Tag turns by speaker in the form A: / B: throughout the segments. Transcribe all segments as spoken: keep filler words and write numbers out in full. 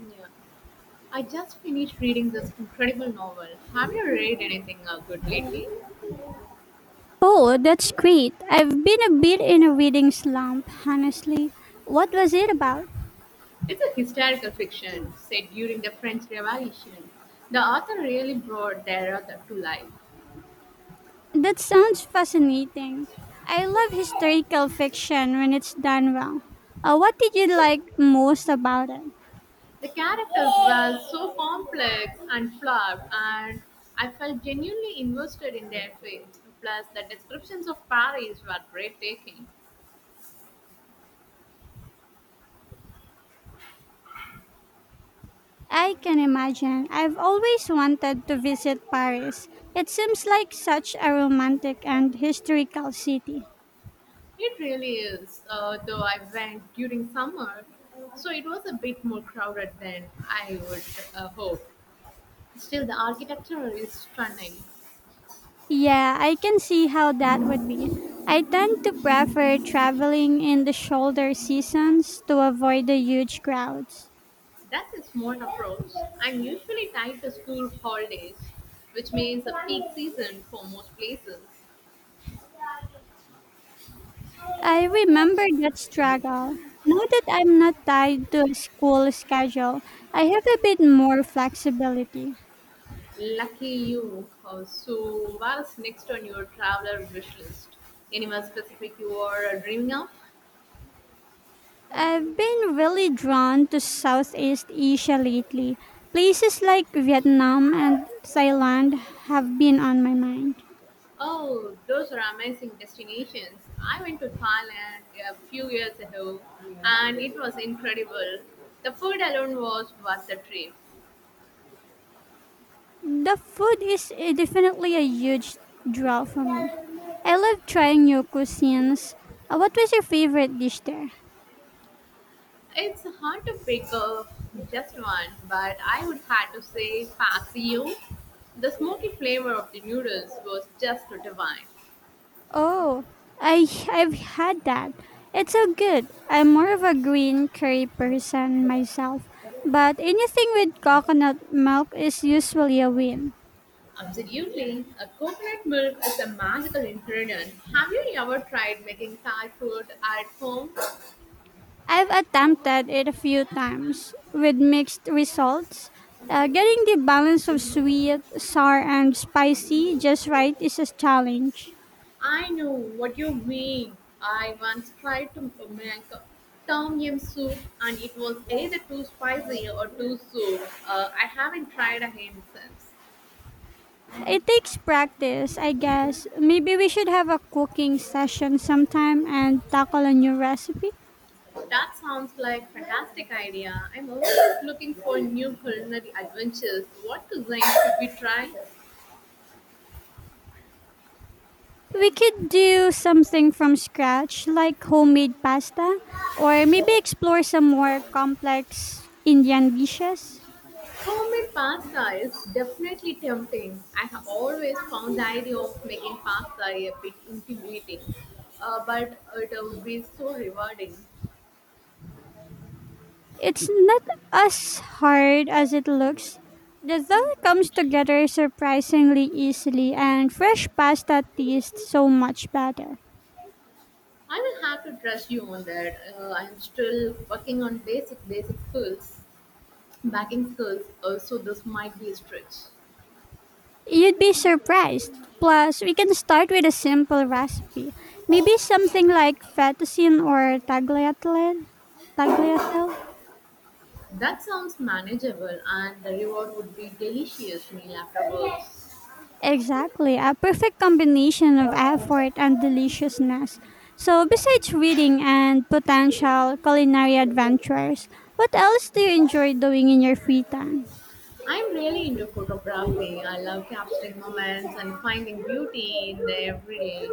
A: Yeah, I just finished reading this incredible novel. Have you read anything uh, good lately?
B: Oh, that's great. I've been a bit in a reading slump, honestly. What was it about?
A: It's a historical fiction set during the French Revolution. The author really brought their author to life.
B: That sounds fascinating. I love historical fiction when it's done well. Uh, what did you like most about it?
A: The characters were so complex and flawed, and I felt genuinely invested in their fate. Plus, the descriptions of Paris were breathtaking.
B: I can imagine. I've always wanted to visit Paris. It seems like such a romantic and historical city.
A: It really is, uh, though I went during summer, so it was a bit more crowded than I would uh, hope. Still, the architecture is stunning.
B: Yeah, I can see how that would be. I tend to prefer traveling in the shoulder seasons to avoid the huge crowds.
A: That's a smart approach. I'm usually tied to school holidays, which means a peak season for most places.
B: I remember that struggle. Now that I'm not tied to a school schedule, I have a bit more flexibility.
A: Lucky you. Uh, So, what's next on your traveler wish list? Anywhere specific you are dreaming of?
B: I've been really drawn to Southeast Asia lately. Places like Vietnam and Thailand have been on my mind.
A: Oh, those are amazing destinations. I went to Thailand a few years ago and it was incredible. The food alone was worth the trip.
B: The food is eh, definitely a huge draw for me. I love trying new cuisines. Uh, what was your favorite dish there?
A: It's hard to pick up just one, but I would have to say Pasio. The smoky flavor of the noodles was just divine.
B: Oh, I I've had that. It's so good. I'm more of a green curry person myself, but anything with coconut milk is usually a win.
A: Absolutely. A coconut milk is a magical ingredient. Have you ever tried making Thai food at home?
B: I've attempted it a few times with mixed results. Uh, getting the balance of sweet, sour, and spicy just right is a challenge.
A: I know what you mean. I once tried to make tom yum soup and it was either too spicy or too sour. Uh, I haven't tried again since.
B: It takes practice, I guess. Maybe we should have a cooking session sometime and tackle a new recipe.
A: That sounds like fantastic idea. I'm always looking for new culinary adventures. What cuisine should we try?
B: We could do something from scratch, like homemade pasta, or maybe explore some more complex Indian dishes.
A: Homemade pasta is definitely tempting. I have always found the idea of making pasta a bit intimidating, uh, but it would be so rewarding.
B: It's not as hard as it looks. The dough comes together surprisingly easily, and fresh pasta tastes so much better.
A: I will have to trust you on that. Uh, I'm still working on basic basic skills, backing skills. Also, this might be a stretch.
B: You'd be surprised! Plus, we can start with a simple recipe. Maybe something like fettuccine or tagliatelle? Tagliatelle?
A: That sounds manageable, and the reward would be delicious meal afterwards.
B: Exactly, a perfect combination of effort and deliciousness. So, besides reading and potential culinary adventures, what else do you enjoy doing in your free time?
A: I'm really into photography. I love capturing moments and finding beauty in the everyday.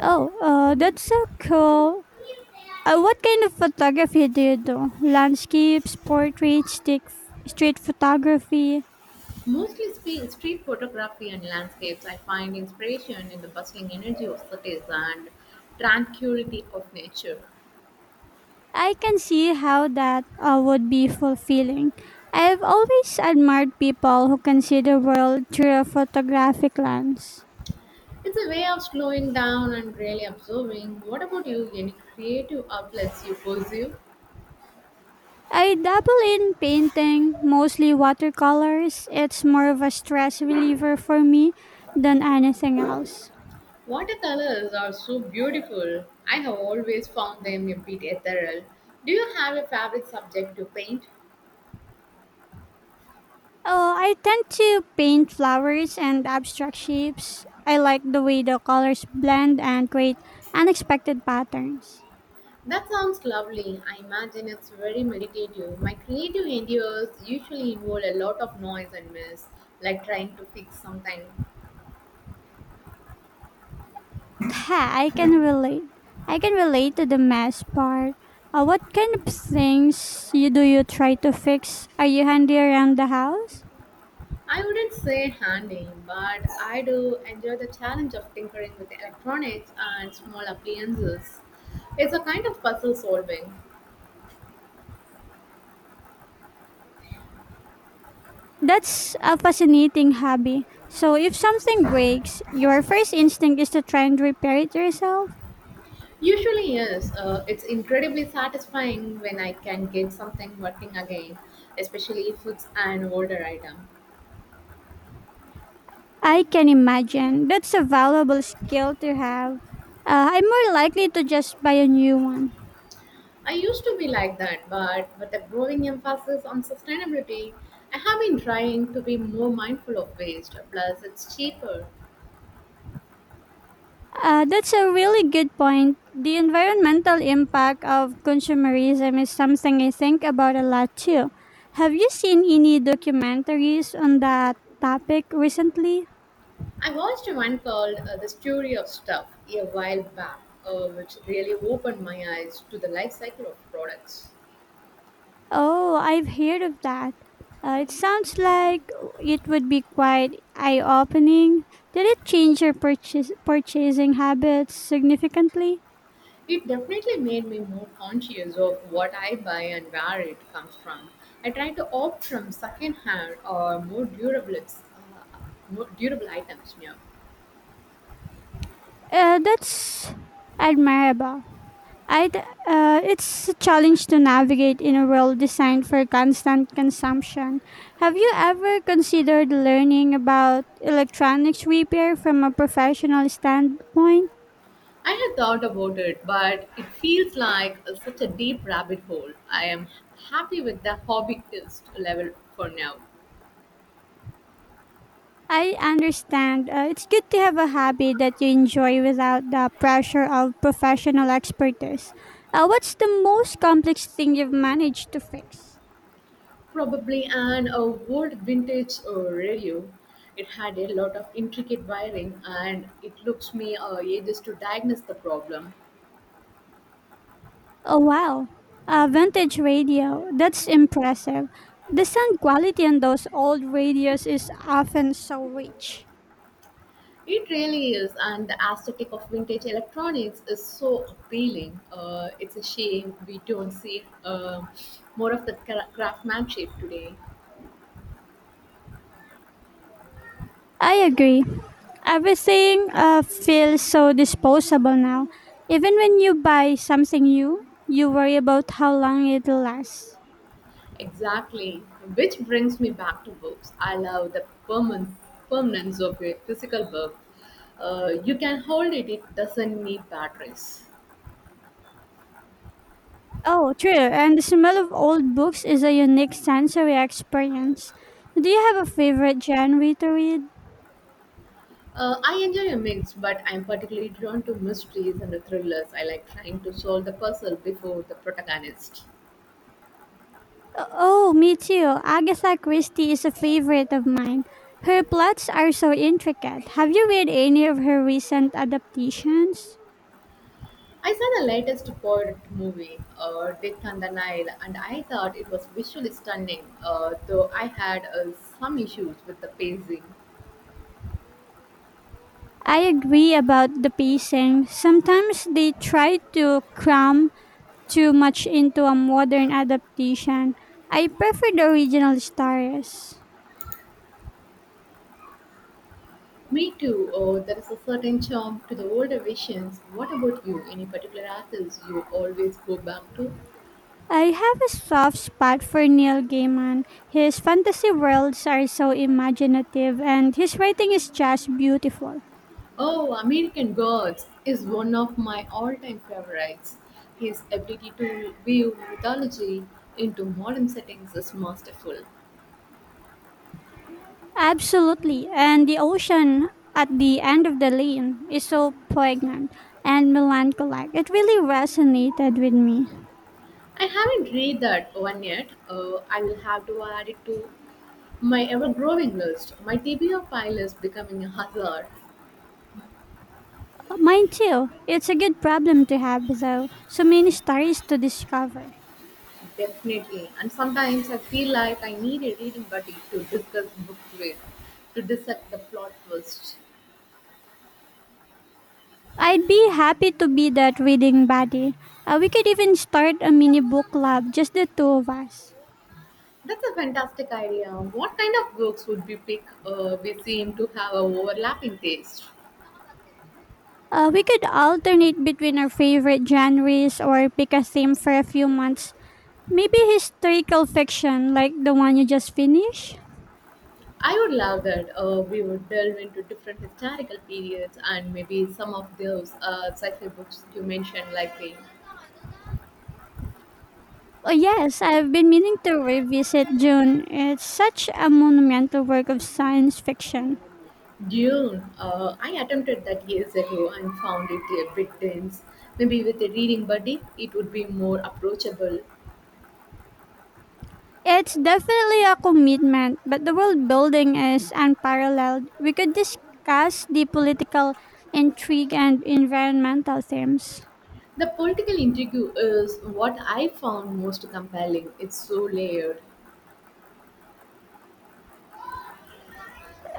B: Oh, uh, that's so cool. Uh, what kind of photography do you do? Landscapes, portraits, stick, street photography?
A: Mostly spe- street photography and landscapes. I find inspiration in the bustling energy of cities and tranquility of nature.
B: I can see how that uh, would be fulfilling. I've always admired people who can see the world through a photographic lens.
A: It's a way of slowing down and really observing. What about you? Any creative outlets you pursue?
B: I dabble in painting, mostly watercolors. It's more of a stress reliever for me than anything else.
A: Watercolors are so beautiful. I have always found them a bit ethereal. Do you have a favorite subject to paint?
B: Oh, I tend to paint flowers and abstract shapes. I like the way the colors blend and create unexpected patterns.
A: That sounds lovely. I imagine it's very meditative. My creative endeavors usually involve a lot of noise and mess, like trying to fix something.
B: Yeah, I can relate. I can relate to the mess part. Uh, what kind of things you do you try to fix? Are you handy around the house?
A: I wouldn't say handling, but I do enjoy the challenge of tinkering with electronics and small appliances. It's a kind of puzzle solving.
B: That's a fascinating hobby. So if something breaks, your first instinct is to try and repair it yourself.
A: Usually, yes. Uh, it's incredibly satisfying when I can get something working again, especially if it's an older item.
B: I can imagine. That's a valuable skill to have. Uh, I'm more likely to just buy a new one.
A: I used to be like that, but with a growing emphasis on sustainability, I have been trying to be more mindful of waste. Plus, it's cheaper.
B: Uh, that's a really good point. The environmental impact of consumerism is something I think about a lot too. Have you seen any documentaries on that topic recently?
A: I watched one called uh, The Story of Stuff a while back, uh, which really opened my eyes to the life cycle of products.
B: Oh, I've heard of that. Uh, it sounds like it would be quite eye opening. Did it change your purchase- purchasing habits significantly?
A: It definitely made me more conscious of what I buy and where it comes from. I try to opt from secondhand or more durable, uh, more durable items now.
B: Uh, that's admirable. I d- uh, it's a challenge to navigate in a world designed for constant consumption. Have you ever considered learning about electronics repair from a professional standpoint?
A: I had thought about it, but it feels like such a deep rabbit hole. I am happy with the hobbyist level for now.
B: I understand. Uh, it's good to have a hobby that you enjoy without the pressure of professional expertise. Uh, what's the most complex thing you've managed to fix?
A: Probably an old vintage uh, radio. It had a lot of intricate wiring, and it looks me uh, ages to diagnose the problem.
B: Oh wow, a vintage radio. That's impressive. The sound quality on those old radios is often so rich.
A: It really is, and the aesthetic of vintage electronics is so appealing. Uh, it's a shame we don't see uh, more of the cra- craftsmanship today.
B: I agree. Everything uh, feels so disposable now. Even when you buy something new, you worry about how long it'll last.
A: Exactly, which brings me back to books. I love the permanent permanence of a physical book. Uh, you can hold it; it doesn't need batteries.
B: Oh, true. And the smell of old books is a unique sensory experience. Do you have a favorite genre to read?
A: Uh, I enjoy a mix, but I'm particularly drawn to mysteries and the thrillers. I like trying to solve the puzzle before the protagonist.
B: Oh, me too. Agatha Christie is a favorite of mine. Her plots are so intricate. Have you read any of her recent adaptations?
A: I saw the latest Poirot movie, uh, Death on the Nile, and I thought it was visually stunning, uh, though I had uh, some issues with the pacing.
B: I agree about the pacing. Sometimes they try to cram too much into a modern adaptation. I prefer the original stories.
A: Me too, uh, there is a certain charm to the older visions. What about you? Any particular artist you always go back to?
B: I have a soft spot for Neil Gaiman. His fantasy worlds are so imaginative and his writing is just beautiful.
A: Oh, American Gods is one of my all time favorites. His ability to weave mythology into modern settings is masterful.
B: Absolutely. And the ocean at the end of the lane is so poignant and melancholic. It really resonated with me.
A: I haven't read that one yet. Uh, I will have to add it to my ever growing list. My T B R pile is becoming a hazard,
B: Mine too. It's a good problem to have, though. So many stories to discover.
A: definitely. And sometimes I feel like I need a reading buddy to discuss books with, to dissect the plot twist.
B: I'd be happy to be that reading buddy. Uh, we could even start a mini book club, just the two of us.
A: That's a fantastic idea. What kind of books would we pick? Uh, we seem to have a overlapping taste.
B: Uh, we could alternate between our favorite genres or pick a theme for a few months. Maybe historical fiction, like the one you just finished?
A: I would love that. Uh, we would delve into different historical periods and maybe some of those uh, sci-fi books you mentioned, likely.
B: Oh yes, I've been meaning to revisit June. It's such a monumental work of science fiction.
A: Dune, uh, I attempted that years ago and found it a bit dense. Maybe with a reading buddy, it would be more approachable.
B: It's definitely a commitment, but the world building is unparalleled. We could discuss the political intrigue and environmental themes.
A: The political intrigue is what I found most compelling. It's so layered.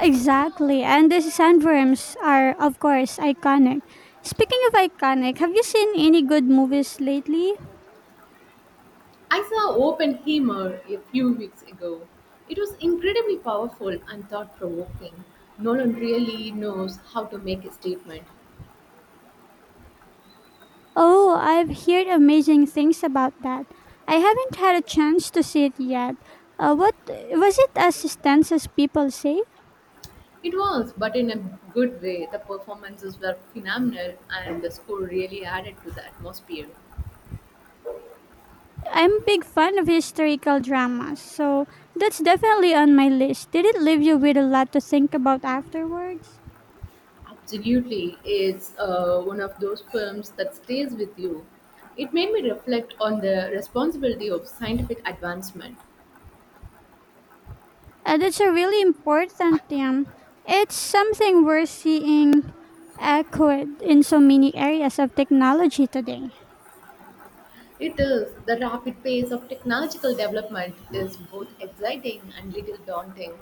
B: Exactly, and the sandworms are, of course, iconic. Speaking of iconic, have you seen any good movies lately?
A: I saw Oppenheimer a few weeks ago. It was incredibly powerful and thought provoking. Nolan really knows how to make a statement.
B: Oh, I've heard amazing things about that. I haven't had a chance to see it yet. Uh, what was it as intense as people say?
A: It was, but in a good way. The performances were phenomenal, and the score really added to the atmosphere.
B: I'm a big fan of historical dramas, so that's definitely on my list. Did it leave you with a lot to think about afterwards?
A: Absolutely, it's uh, one of those films that stays with you. It made me reflect on the responsibility of scientific advancement.
B: Uh, that's a really important theme. It's something we're seeing echoed in so many areas of technology today.
A: It is the rapid pace of technological development is both exciting and little daunting.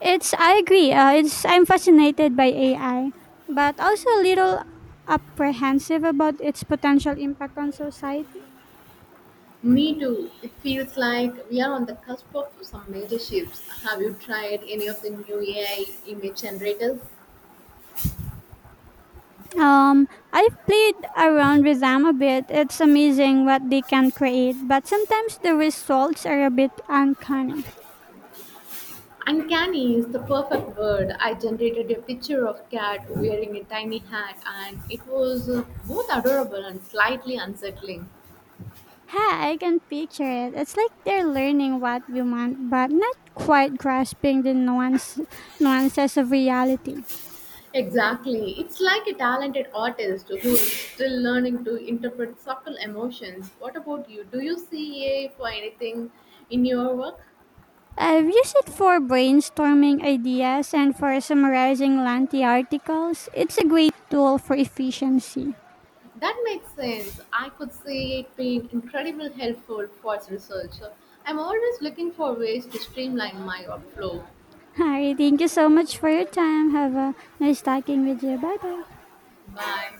B: It's I agree. Uh, it's I'm fascinated by A I, but also a little apprehensive about its potential impact on society.
A: Me too. It feels like we are on the cusp of some major shifts. Have you tried any of the new A I image generators?
B: Um, I've played around with them a bit. It's amazing what they can create, but sometimes the results are a bit uncanny.
A: Uncanny is the perfect word. I generated a picture of cat wearing a tiny hat and it was uh, both adorable and slightly unsettling.
B: Ha, I can picture it. It's like they're learning what we want, but not quite grasping the nuance, nuances of reality.
A: Exactly. It's like a talented artist who is still learning to interpret subtle emotions. What about you? Do you see A I for anything in your work?
B: I've used it for brainstorming ideas and for summarizing lengthy articles. It's a great tool for efficiency.
A: That makes sense. I could see it being incredibly helpful for research. I'm always looking for ways to streamline my workflow.
B: All right, thank you so much for your time. Have a nice talking with you. Bye bye.
A: Bye.